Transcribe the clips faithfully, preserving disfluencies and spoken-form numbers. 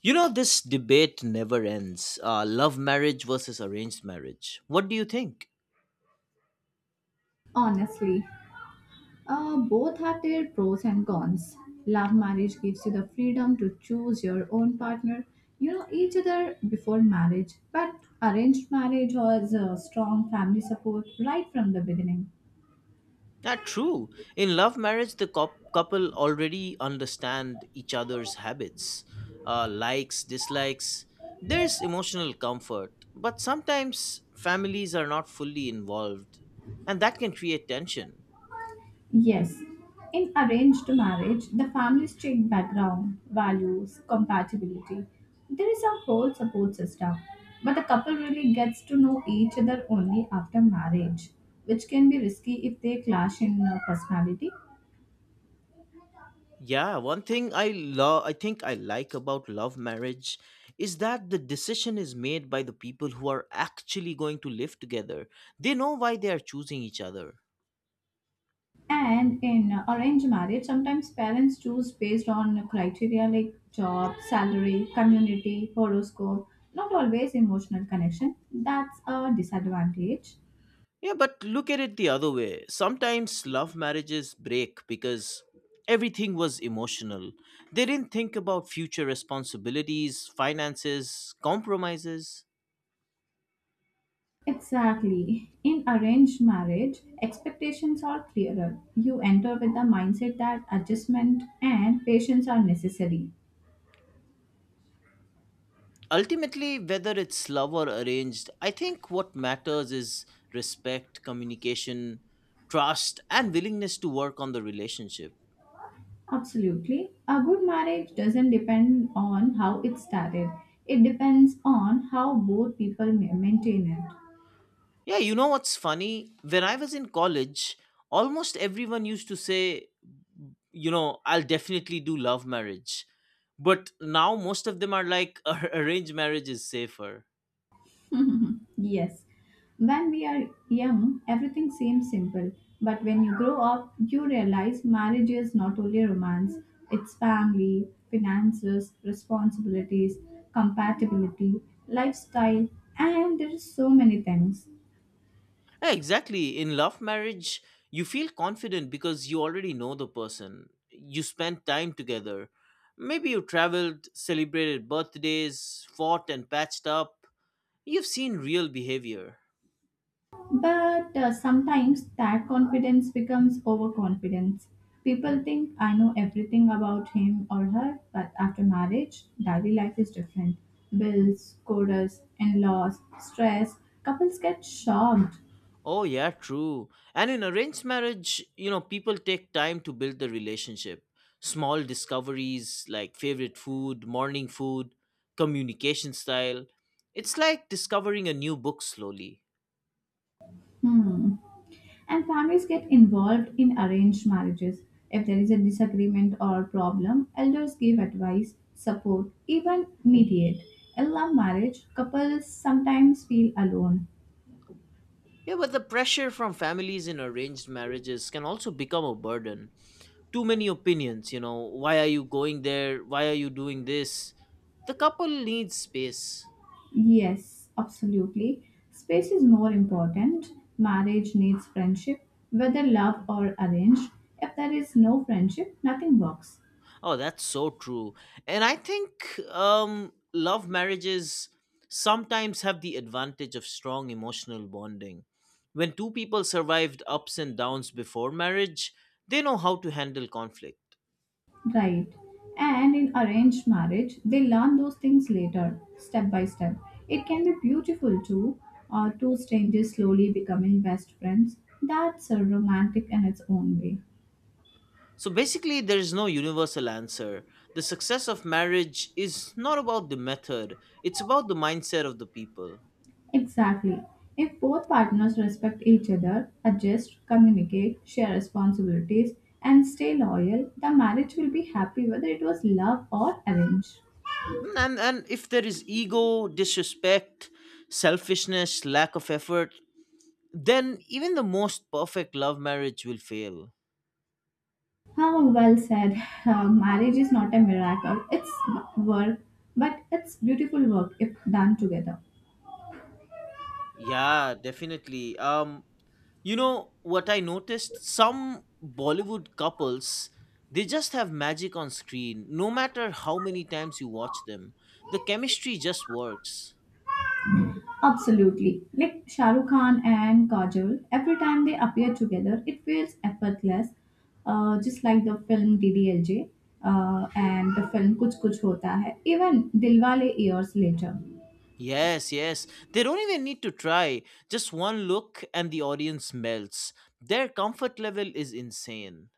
You know, this debate never ends. Uh, love marriage versus arranged marriage. What do you think? Honestly, uh, both have their pros and cons. Love marriage gives you the freedom to choose your own partner. You know each other before marriage, but arranged marriage has a strong family support right from the beginning. Ah, true. In love marriage, the cou- couple already understand each other's habits, uh, likes, dislikes. There's emotional comfort, but sometimes families are not fully involved, and that can create tension. Yes, in arranged marriage, the families check background, values, compatibility. There is a whole support system, but the couple really gets to know each other only after marriage, which can be risky if they clash in uh, personality. Yeah, one thing I love I think I like about love marriage is that the decision is made by the people who are actually going to live together. They know why they are choosing each other. And in uh, arranged marriage, sometimes parents choose based on criteria like job, salary, community, horoscope, not always emotional connection. That's a disadvantage. Yeah, but look at it the other way. Sometimes love marriages break because everything was emotional. They didn't think about future responsibilities, finances, compromises. Exactly. In arranged marriage, expectations are clearer. You enter with the mindset that adjustment and patience are necessary. Ultimately, whether it's love or arranged, I think what matters is respect, communication, trust, and willingness to work on the relationship. Absolutely. A good marriage doesn't depend on how it started, it depends on how both people ma- maintain it. Yeah, you know what's funny? When I was in college, almost everyone used to say, you know, I'll definitely do love marriage, but now most of them are like arranged marriage is safer. Yes. When we are young, everything seems simple. But when you grow up, you realize marriage is not only romance, it's family, finances, responsibilities, compatibility, lifestyle, and there is so many things. Yeah, exactly. In love marriage, you feel confident because you already know the person. You spent time together. Maybe you traveled, celebrated birthdays, fought and patched up. You've seen real behavior. But uh, sometimes that confidence becomes overconfidence. People think I know everything about him or her, but after marriage, daily life is different. Bills, quotas, in laws, stress, couples get shocked. Oh, yeah, true. And in arranged marriage, you know, people take time to build the relationship. Small discoveries like favorite food, morning food, communication style. It's like discovering a new book slowly. Hmm. And families get involved in arranged marriages. If there is a disagreement or problem, elders give advice, support, even mediate. In love marriage, couples sometimes feel alone. Yeah, but the pressure from families in arranged marriages can also become a burden. Too many opinions, you know, why are you going there? Why are you doing this? The couple needs space. Yes, absolutely. Space is more important. Marriage needs friendship, whether love or arranged. If there is no friendship, nothing works. Oh, that's so true. And I think um, love marriages sometimes have the advantage of strong emotional bonding. When two people survived ups and downs before marriage, they know how to handle conflict. Right. And in arranged marriage, they learn those things later, step by step. It can be beautiful too, uh, two strangers slowly becoming best friends. That's a romantic in its own way. So basically, there is no universal answer. The success of marriage is not about the method, it's about the mindset of the people. Exactly. If both partners respect each other, adjust, communicate, share responsibilities, and stay loyal, the marriage will be happy whether it was love or arranged. Mm, And, and if there is ego, disrespect, selfishness, lack of effort, then even the most perfect love marriage will fail. How well said. Uh, marriage is not a miracle, it's work, but it's beautiful work if done together. Yeah, definitely. Um, you know what I noticed? Some Bollywood couples, they just have magic on screen. No matter how many times you watch them, the chemistry just works. Absolutely. Like Shah Rukh Khan and Kajol, every time they appear together, it feels effortless, uh, just like the film D D L J uh, and the film Kuch Kuch Hota Hai, even Dilwale years later. Yes, yes. They don't even need to try. Just one look and the audience melts. Their comfort level is insane.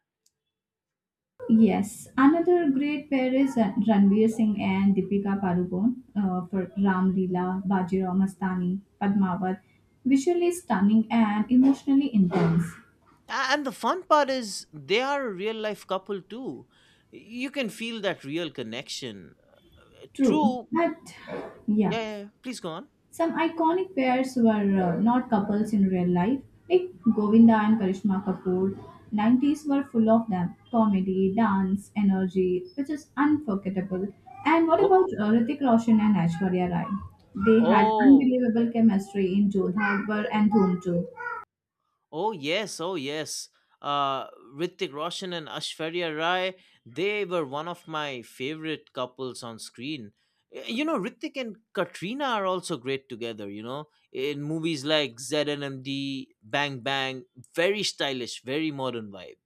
Yes, another great pair is uh, Ranveer Singh and Deepika Padukone uh, for Ram Leela, Bajirao Mastani, Padmavat. Visually stunning and emotionally intense. A- And the fun part is they are a real life couple too. You can feel that real connection. True, True. but yeah. Yeah, yeah, yeah. Please go on. Some iconic pairs were uh, not couples in real life, like Govinda and Karishma Kapoor. nineties were full of them comedy, dance, energy, which is unforgettable. And what Oh, about uh, Hrithik Roshan and Aishwarya Rai? They had oh, unbelievable chemistry in Jodhapur and Dhoom too. oh yes, oh yes. Uh, Hrithik Roshan and Ashwarya Rai, they were one of my favorite couples on screen. Y- You know, Hrithik and Katrina are also great together, you know, in movies like Z N M D, Bang Bang, very stylish, very modern vibe.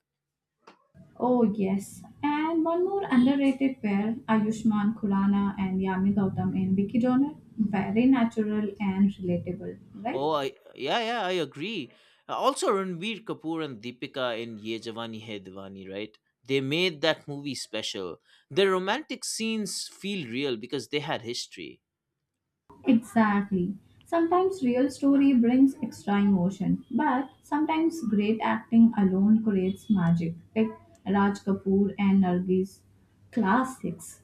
Oh, yes. And one more underrated pair, Ayushmann Khurrana and Yami Gautam in Vicky Donor. Very natural and relatable, right? Oh, I, yeah, yeah, I agree. Uh, Also, Ranbir Kapoor and Deepika in Ye Jawani Hai Diwani, right? They made that movie special. Their romantic scenes feel real because they had history. Exactly. Sometimes real story brings extra emotion, but sometimes great acting alone creates magic, like Raj Kapoor and Nargis classics.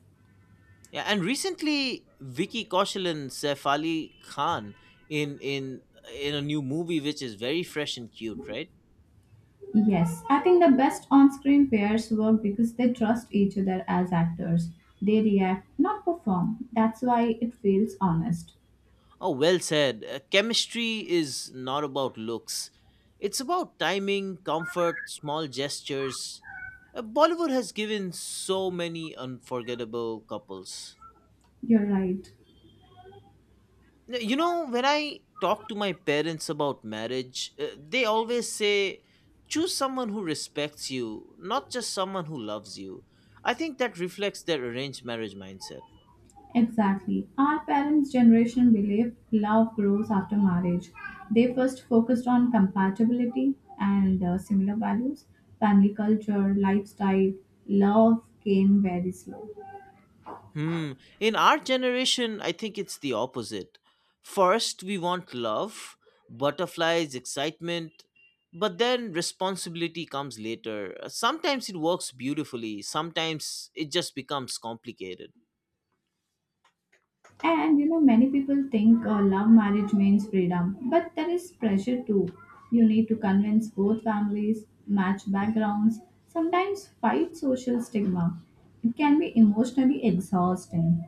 Yeah, and recently Vicky Kaushal and Saif Ali Khan in in in a new movie which is very fresh and cute, right? Yes, I think the best on-screen pairs work because they trust each other as actors. They react, not perform. That's why it feels honest. Oh, well said. Uh, chemistry is not about looks. It's about timing, comfort, small gestures. Uh, Bollywood has given so many unforgettable couples. You're right. You know, when I talk to my parents about marriage, uh, they always say choose someone who respects you, not just someone who loves you. I think that reflects their arranged marriage mindset. Exactly. Our parents' generation believed love grows after marriage. They first focused on compatibility and uh, similar values, family culture, lifestyle. Love came very slow. Hmm. In our generation, I think it's the opposite. First we want love, butterflies, excitement, but then responsibility comes later. Uh, sometimes it works beautifully, sometimes it just becomes complicated. And you know, many people think uh, love marriage means freedom, but there is pressure too. You need to convince both families, match backgrounds, sometimes fight social stigma. It can be emotionally exhausting.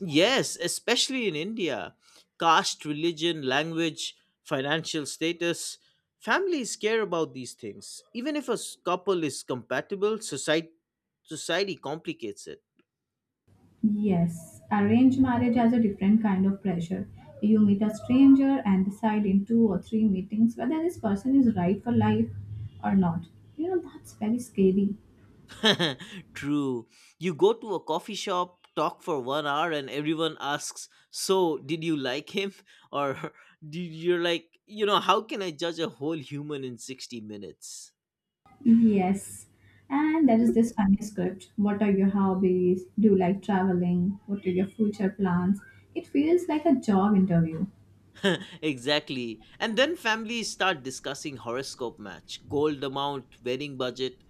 Yes, especially in India. Caste, religion, language, financial status. Families care about these things. Even if a s- couple is compatible, society society complicates it. Yes, arranged marriage has a different kind of pressure. You meet a stranger and decide in two or three meetings whether this person is right for life or not. You know, that's very scary. True. You go to a coffee shop, talk for one hour and everyone asks, "So, did you like him?" or do- you're like, "You know, how can I judge a whole human in sixty minutes?" Yes. And there is this funny script. What are your hobbies? Do you like traveling? What are your future plans? It feels like a job interview. Exactly. And then families start discussing horoscope match, gold amount, wedding budget.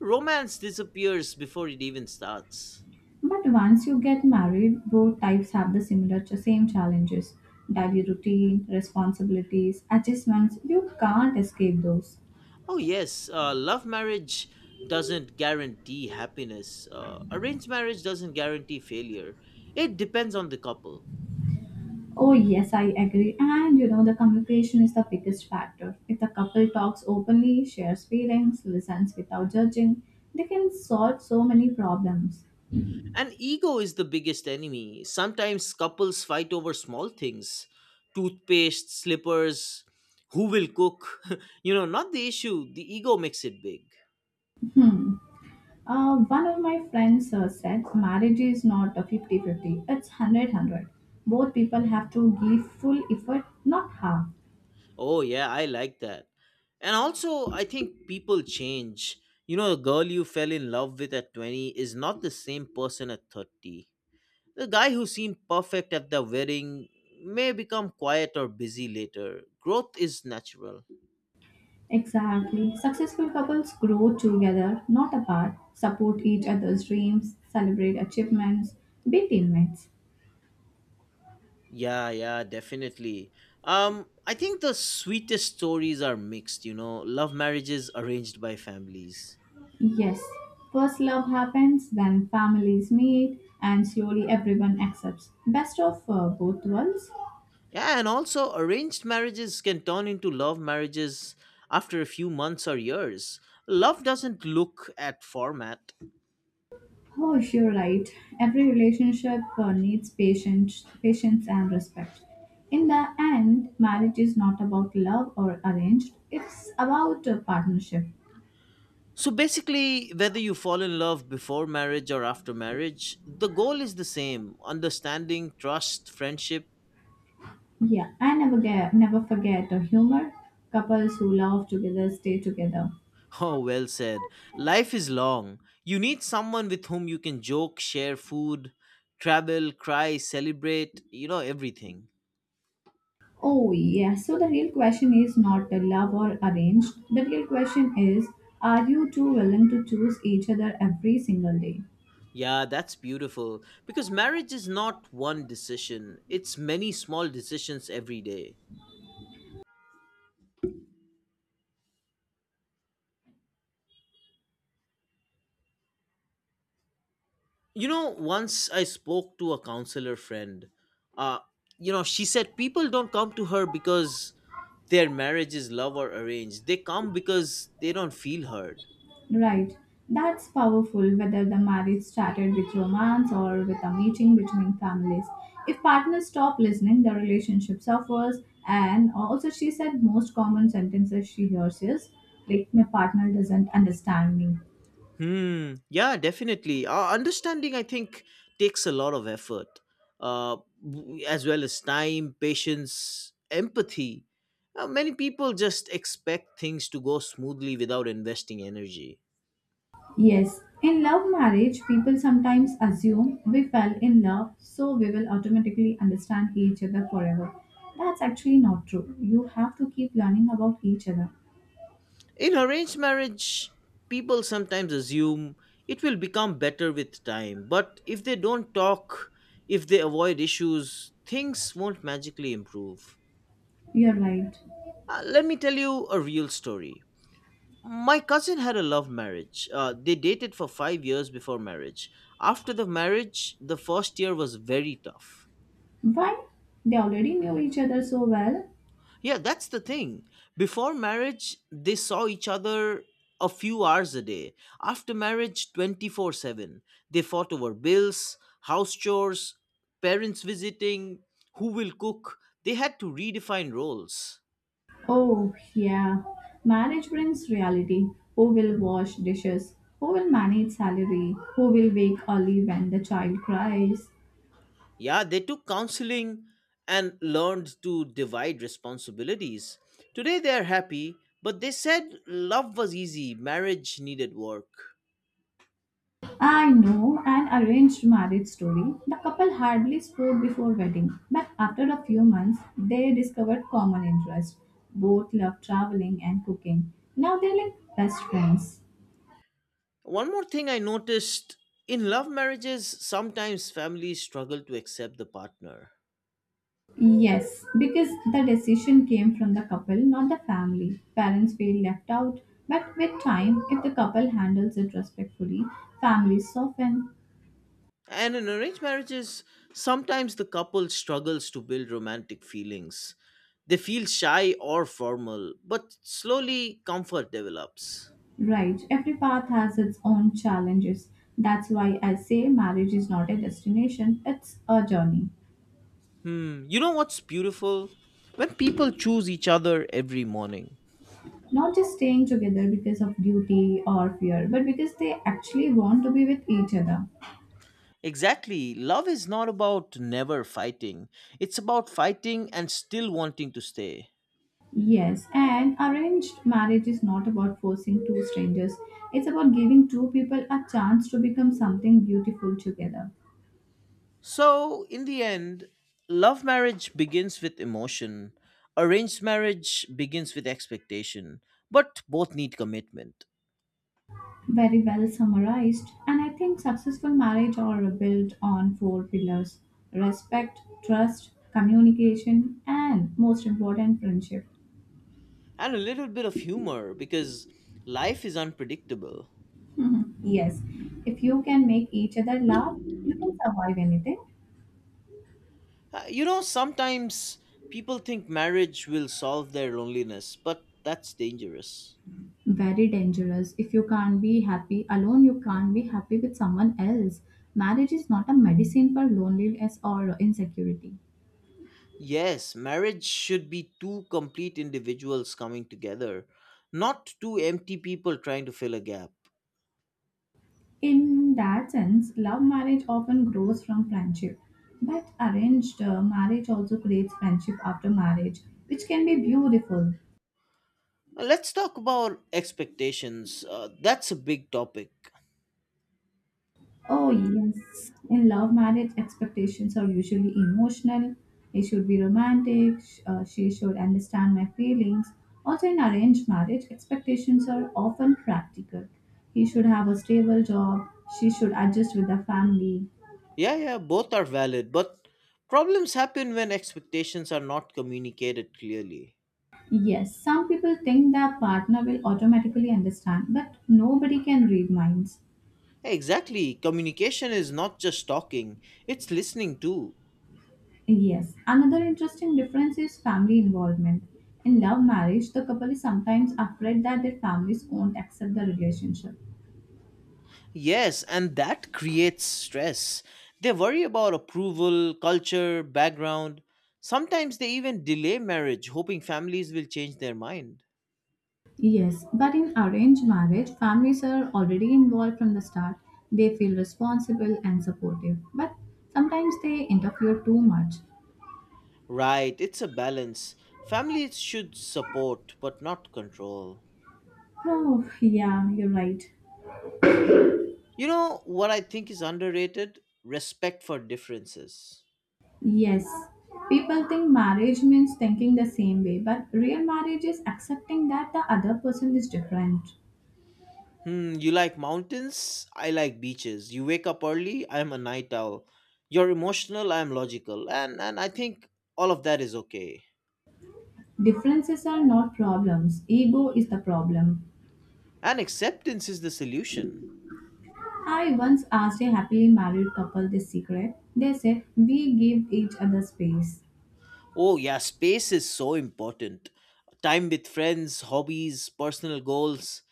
Romance disappears before it even starts. But once you get married, both types have the similar ch- same challenges. Daily routine, responsibilities, adjustments, you can't escape those. Oh, yes, uh, love marriage doesn't guarantee happiness, uh, arranged marriage doesn't guarantee failure. It depends on the couple. Oh, yes, I agree. And you know, the communication is the biggest factor. If the couple talks openly, shares feelings, listens without judging, they can solve so many problems. And ego is the biggest enemy. Sometimes couples fight over small things, toothpaste, slippers, who will cook. You know, not the issue, the ego makes it big. Hmm. Uh, one of my friends uh, said marriage is not a fifty-fifty; it's hundred-hundred. Both people have to give full effort, not half. Oh yeah, I like that. And also, I think people change. You know, the girl you fell in love with at twenty is not the same person at thirty. The guy who seemed perfect at the wedding may become quiet or busy later. Growth is natural. Exactly. Successful couples grow together, not apart, support each other's dreams, celebrate achievements, be teammates. Yeah, yeah, definitely. Um, I think the sweetest stories are mixed, you know, love marriages arranged by families. Yes, first love happens, then families meet, and slowly everyone accepts. Best of uh, both worlds. Yeah, and also arranged marriages can turn into love marriages after a few months or years. Love doesn't look at format. Oh, you're right. Every relationship uh, needs patience, patience and respect. In the end, marriage is not about love or arranged. It's about a partnership. So basically, whether you fall in love before marriage or after marriage, the goal is the same, understanding, trust, friendship. Yeah, I never get, never forget a humor. Couples who love together stay together. Oh, well said. Life is long. You need someone with whom you can joke, share food, travel, cry, celebrate, you know, everything. Oh, yes. So the real question is not a love or arranged. The real question is are you two willing to choose each other every single day? Yeah, that's beautiful. Because marriage is not one decision, it's many small decisions every day. You know, once I spoke to a counselor friend, uh, you know, she said people don't come to her because their marriage is love or arranged. They come because they don't feel heard. Right. That's powerful whether the marriage started with romance or with a meeting between families. If partners stop listening, the relationship suffers. And also, she said most common sentences she hears is like, my partner doesn't understand me. Hmm. Yeah, definitely. Uh, understanding, I think, takes a lot of effort, uh, w- as well as time, patience, empathy. Uh, many people just expect things to go smoothly without investing energy. Yes, in love marriage, people sometimes assume we fell in love, so we will automatically understand each other forever. That's actually not true. You have to keep learning about each other. In arranged marriage, people sometimes assume it will become better with time, but if they don't talk, if they avoid issues, things won't magically improve. You're right. Uh, let me tell you a real story. My cousin had a love marriage. Uh, they dated for five years before marriage. After the marriage, the first year was very tough. Why? They already knew each other so well. Yeah, that's the thing. Before marriage, they saw each other a few hours a day. After marriage, twenty-four seven. They fought over bills, house chores, parents visiting, who will cook. They had to redefine roles. Oh, yeah. Marriage brings reality. Who will wash dishes? Who will manage salary? Who will wake early when the child cries? Yeah, they took counseling and learned to divide responsibilities. Today they're happy, but they said love was easy, marriage needed work. I know an arranged marriage story. The couple hardly spoke before wedding, but after a few months, they discovered common interests. Both love traveling and cooking. Now they're like best friends. One more thing I noticed, in love marriages, sometimes families struggle to accept the partner. Yes, because the decision came from the couple, not the family. Parents feel left out, but with time, if the couple handles it respectfully, families soften. And in arranged marriages, sometimes the couple struggles to build romantic feelings. They feel shy or formal, but slowly comfort develops. Right, every path has its own challenges. That's why I say marriage is not a destination, it's a journey. Hmm, you know what's beautiful? When people choose each other every morning. Not just staying together because of duty or fear, but because they actually want to be with each other. Exactly. Love is not about never fighting, it's about fighting and still wanting to stay. Yes, and arranged marriage is not about forcing two strangers, it's about giving two people a chance to become something beautiful together. So, in the end, love marriage begins with emotion, arranged marriage begins with expectation, but both need commitment Very well summarized. And I think successful marriage are built on four pillars respect, trust, communication, and most important, friendship. and a little bit of humor because life is unpredictable. Yes, if you can make each other laugh, you can survive anything. Uh, You know, sometimes people think marriage will solve their loneliness, but that's dangerous. Very dangerous. If you can't be happy alone, you can't be happy with someone else. Marriage is not a medicine for loneliness or insecurity. Yes, marriage should be two complete individuals coming together, not two empty people trying to fill a gap. In that sense, love marriage often grows from friendship. But arranged uh, marriage also creates friendship after marriage, which can be beautiful. Uh, Let's talk about expectations. Uh, that's a big topic. Oh, yes. In love marriage, expectations are usually emotional. He should be romantic, sh- uh, she should understand my feelings. Also, in arranged marriage, expectations are often practical. He should have a stable job, she should adjust with the family. Yeah, yeah, both are valid, but problems happen when expectations are not communicated clearly. Yes, some people think their partner will automatically understand, but nobody can read minds. Exactly, communication is not just talking, it's listening too. Yes, another interesting difference is family involvement. In love marriage, the couple is sometimes afraid that their families won't accept the relationship. Yes, and that creates stress. They worry about approval, culture, background. Sometimes they even delay marriage, hoping families will change their mind. Yes, but in arranged marriage, families are already involved from the start. They feel responsible and supportive, but sometimes they interfere too much. Right, it's a balance. Families should support, but not control. Oh, yeah, you're right. You know what I think is underrated? Respect for differences. Yes, people think marriage means thinking the same way, but real marriage is accepting that the other person is different. Hmm, you like mountains? I like beaches. You wake up early? I'm a night owl. You're emotional? I'm logical. And, and I think all of that is okay. Differences are not problems, ego is the problem. And acceptance is the solution. I once asked a happily married couple this secret. They said, "We give each other space." Oh, yeah, space is so important. Time with friends, hobbies, personal goals.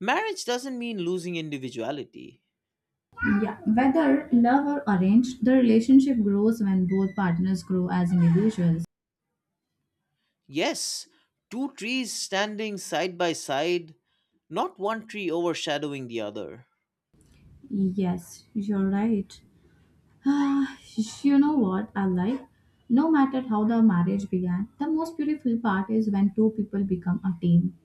Marriage doesn't mean losing individuality. Yeah, whether love or arranged, the relationship grows when both partners grow as individuals. Yes, two trees standing side by side, not one tree overshadowing the other. Yes, you're right. Ah, you know what I like? No matter how the marriage began, the most beautiful part is when two people become a team.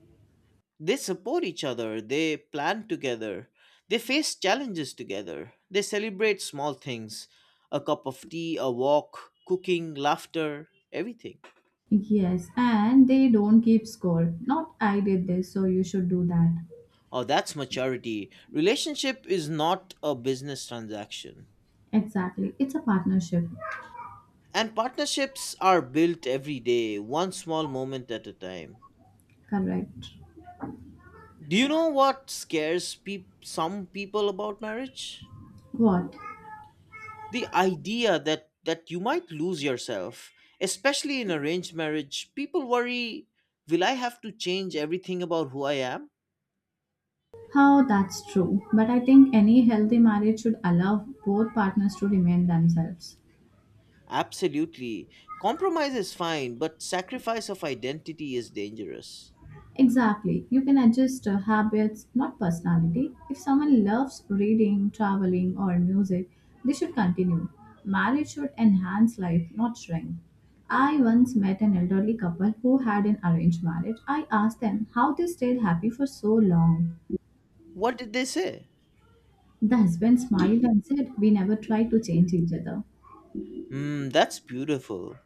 They support each other, they plan together, they face challenges together, they celebrate small things, a cup of tea, a walk, cooking, laughter, everything. Yes, and they don't keep score. Not I did this, so you should do that. Oh, that's maturity. Relationship is not a business transaction. Exactly. It's a partnership. And partnerships are built every day, one small moment at a time. Correct. Do you know what scares peop some people about marriage? What? The idea that, that you might lose yourself. Especially in arranged marriage, people worry, will I have to change everything about who I am? How that's true. But I think any healthy marriage should allow both partners to remain themselves. Absolutely. Compromise is fine, but sacrifice of identity is dangerous. Exactly. You can adjust uh, habits, not personality. If someone loves reading, traveling, or music, they should continue. Marriage should enhance life, not shrink. I once met an elderly couple who had an arranged marriage. I asked them how they stayed happy for so long. What did they say? The husband smiled and said, "We never tried to change each other." Mm, that's beautiful.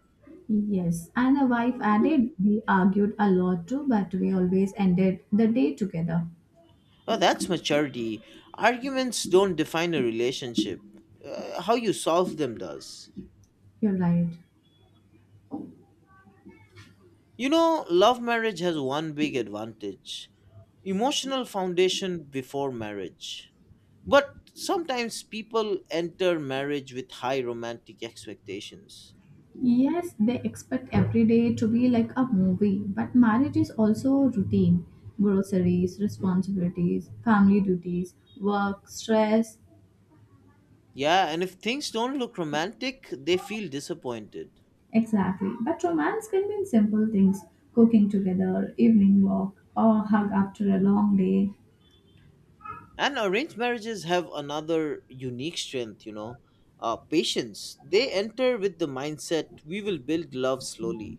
Yes, and the wife added, "We argued a lot too, but we always ended the day together." Oh, that's maturity. Arguments don't define a relationship. Uh, how you solve them does. You're right. You know, love marriage has one big advantage, emotional foundation before marriage. But sometimes people enter marriage with high romantic expectations. Yes, they expect every day to be like a movie, but marriage is also routine groceries, responsibilities, family duties, work, stress. Yeah, and if things don't look romantic, they feel disappointed. Exactly. But romance can be in simple things cooking together, evening walk, or hug after a long day. And arranged marriages have another unique strength, you know, uh, patience. They enter with the mindset we will build love slowly.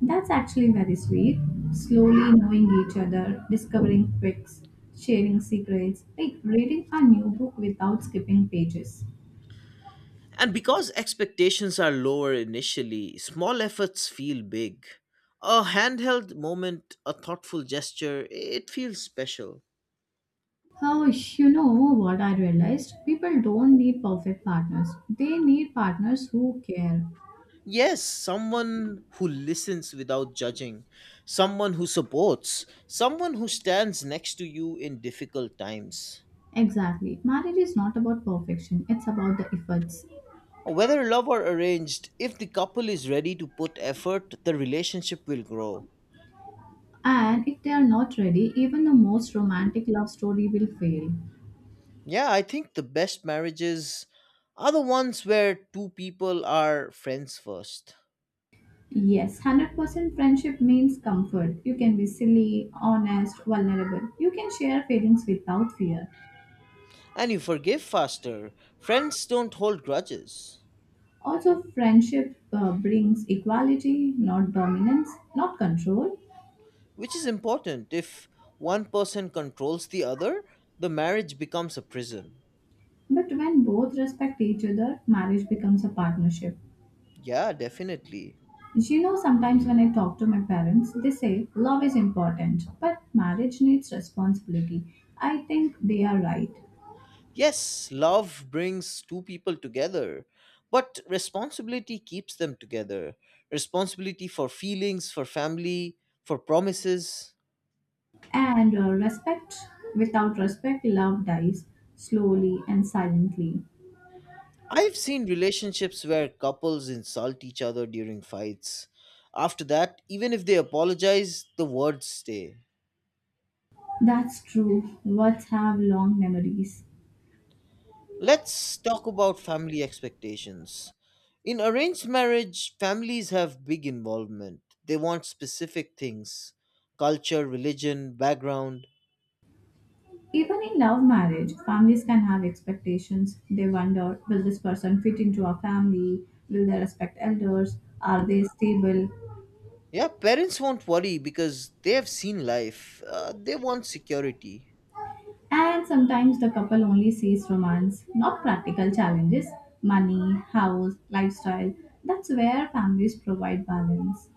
That's actually very sweet. Slowly knowing each other, discovering quirks, sharing secrets, like reading a new book without skipping pages. And because expectations are lower initially, small efforts feel big. A handheld moment, a thoughtful gesture, it feels special. Oh, you know what I realized? People don't need perfect partners. They need partners who care. Yes, someone who listens without judging, someone who supports, someone who stands next to you in difficult times. Exactly. Marriage is not about perfection, it's about the efforts. Whether love or arranged, if the couple is ready to put effort, the relationship will grow. And if they are not ready, even the most romantic love story will fail. Yeah, I think the best marriages are the ones where two people are friends first. Yes, one hundred percent friendship means comfort. You can be silly, honest, vulnerable. You can share feelings without fear. And you forgive faster. Friends don't hold grudges, Also, friendship uh, brings equality, not dominance, not control. which is important. If one person controls the other, the marriage becomes a prison. But when both respect each other, marriage becomes a partnership. Yeah, definitely. You know, sometimes when I talk to my parents, they say love is important, but marriage needs responsibility. I think they are right. Yes, love brings two people together, but responsibility keeps them together. Responsibility for feelings, for family, for promises. And uh, respect, without respect, love dies slowly and silently. I've seen relationships where couples insult each other during fights. After that, even if they apologize, the words stay. That's true. Words have long memories. Let's talk about family expectations. In arranged marriage, families have big involvement. They want specific things: culture, religion, background. Even in love marriage, families can have expectations. They wonder, will this person fit into our family? Will they respect elders? Are they stable? Yeah, parents won't worry because they have seen life. Uh, they want security. And sometimes the couple only sees romance, not practical challenges, money, house, lifestyle. That's where families provide balance.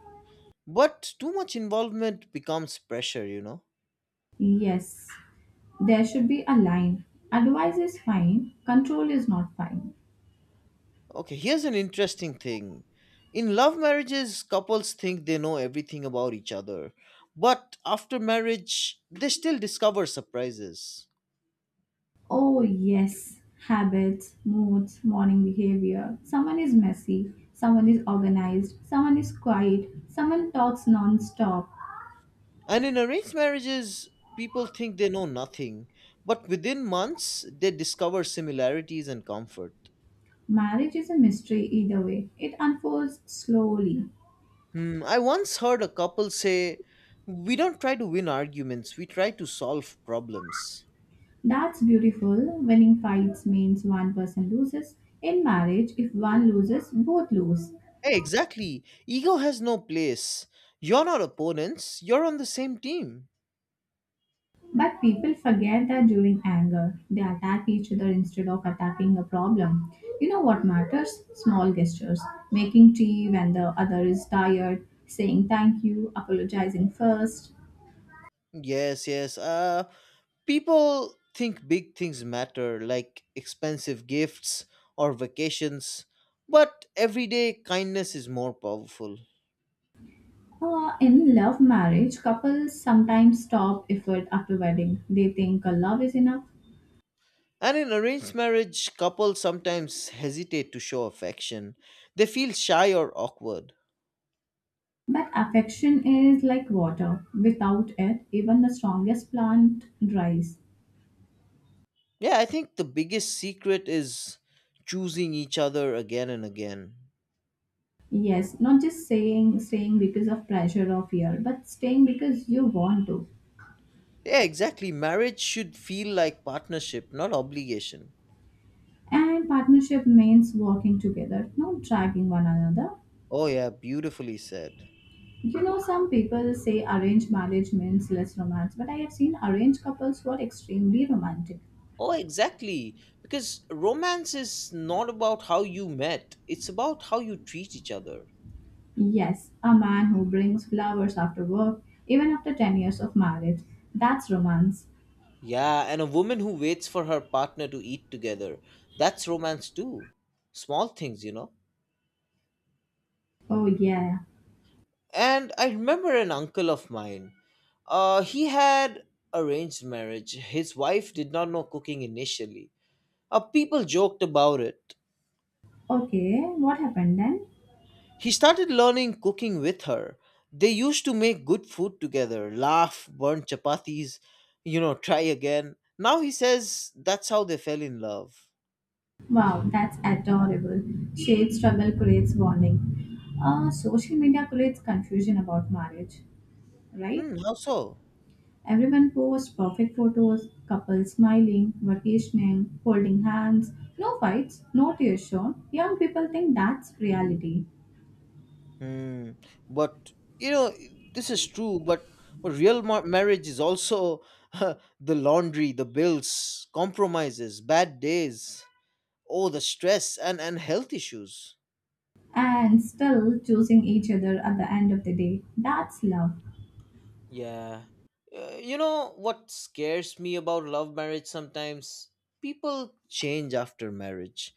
But too much involvement becomes pressure, you know? Yes, there should be a line. Advice is fine, control is not fine. Okay, here's an interesting thing. In love marriages, couples think they know everything about each other. But after marriage, they still discover surprises. Oh, yes, habits, moods, morning behavior. Someone is messy, someone is organized, someone is quiet, someone talks non stop. And in arranged marriages, people think they know nothing. But within months, they discover similarities and comfort. Marriage is a mystery either way, it unfolds slowly. Hmm, I once heard a couple say, we don't try to win arguments, we try to solve problems. That's beautiful. Winning fights means one person loses. In marriage, if one loses, both lose. Hey, exactly. Ego has no place. You're not opponents, you're on the same team. But people forget that during anger, they attack each other instead of attacking the problem. You know what matters? Small gestures. Making tea when the other is tired, saying thank you, apologizing first. Yes, yes. Uh, people think big things matter, like expensive gifts or vacations, but everyday kindness is more powerful. Uh, in love marriage, couples sometimes stop effort after wedding. They think a love is enough. And in arranged marriage, couples sometimes hesitate to show affection. They feel shy or awkward. But affection is like water. Without it, even the strongest plant dries. Yeah, I think the biggest secret is choosing each other again and again. Yes, not just saying staying because of pressure or fear, but staying because you want to. Yeah, exactly. Marriage should feel like partnership, not obligation. And partnership means working together, not dragging one another. Oh, yeah, beautifully said. You know, some people say arranged marriage means less romance, but I have seen arranged couples who are extremely romantic. Oh, exactly. Because romance is not about how you met, it's about how you treat each other. Yes, a man who brings flowers after work, even after ten years of marriage. That's romance. Yeah, and a woman who waits for her partner to eat together. That's romance too. Small things, you know. Oh, yeah. And I remember an uncle of mine. Uh, he had arranged marriage. His wife did not know cooking initially. Uh, people joked about it. Okay, what happened then? He started learning cooking with her. They used to make good food together, laugh, burn chapatis, you know, try again. Now he says that's how they fell in love. Wow, that's adorable. Shade struggle creates warning. Uh, social media creates confusion about marriage, right? Hmm, how so? Everyone posts perfect photos, couples smiling, vacationing, holding hands, no fights, no tears shown. Young people think that's reality, Hmm. But you know, this is true. But but real mar- marriage is also the laundry, the bills, compromises, bad days, oh, the stress and and health issues. and still choosing each other at the end of the day. That's love. Yeah. Uh, you know what scares me about love marriage sometimes? People change after marriage.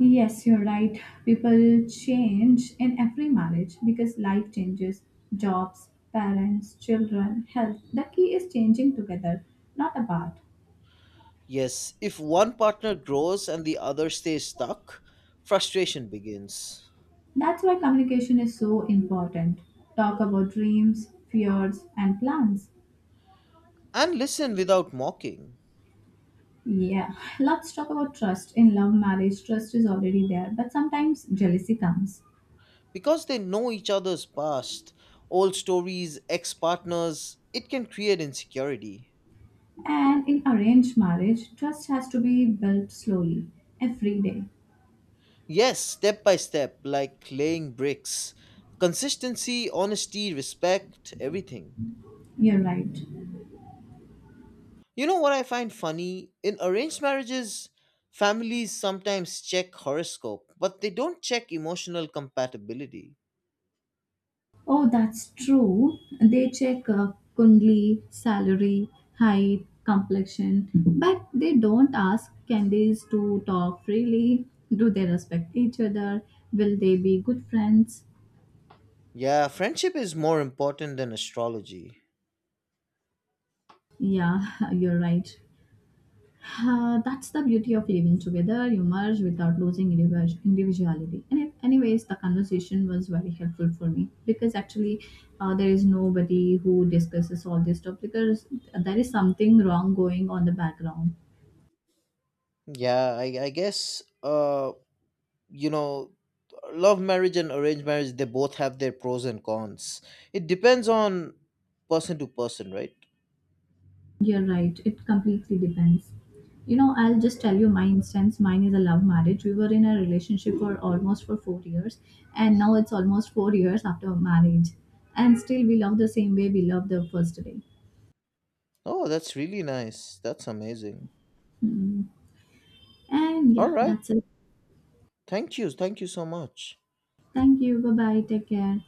Yes, you're right. People change in every marriage because life changes, jobs, parents, children, health. The key is changing together, not apart. Yes, if one partner grows and the other stays stuck, frustration begins. That's why communication is so important. Talk about dreams, fears, and plans. And listen without mocking. Yeah, let's talk about trust. In love marriage, trust is already there, but sometimes jealousy comes. Because they know each other's past, old stories, ex partners, it can create insecurity. And in arranged marriage, trust has to be built slowly, every day. Yes, step by step, like laying bricks. Consistency, honesty, respect, everything. You're right. You know what I find funny? In arranged marriages, families sometimes check horoscope, but they don't check emotional compatibility. Oh, that's true. They check uh, Kundli, salary, height, complexion, but they don't ask candies to talk freely. Do they respect each other? Will they be good friends? Yeah, friendship is more important than astrology. Yeah, you're right. Uh, that's the beauty of living together. You merge without losing individu- individuality. And if- Anyways, the conversation was very helpful for me because actually, uh, there is nobody who discusses all this stuff. Because there is something wrong going on the background. Yeah, I, I guess. Uh, you know, love marriage and arranged marriage, they both have their pros and cons. It depends on person to person, right? You're right. It completely depends. You know, I'll just tell you my instance. Mine is a love marriage. We were in a relationship for almost for four years, and now it's almost four years after marriage, and still we love the same way we loved the first day. Oh, that's really nice. That's amazing. Hmm. And All yeah, right, that's it. thank you, thank you so much. Thank you. Bye bye. Take care.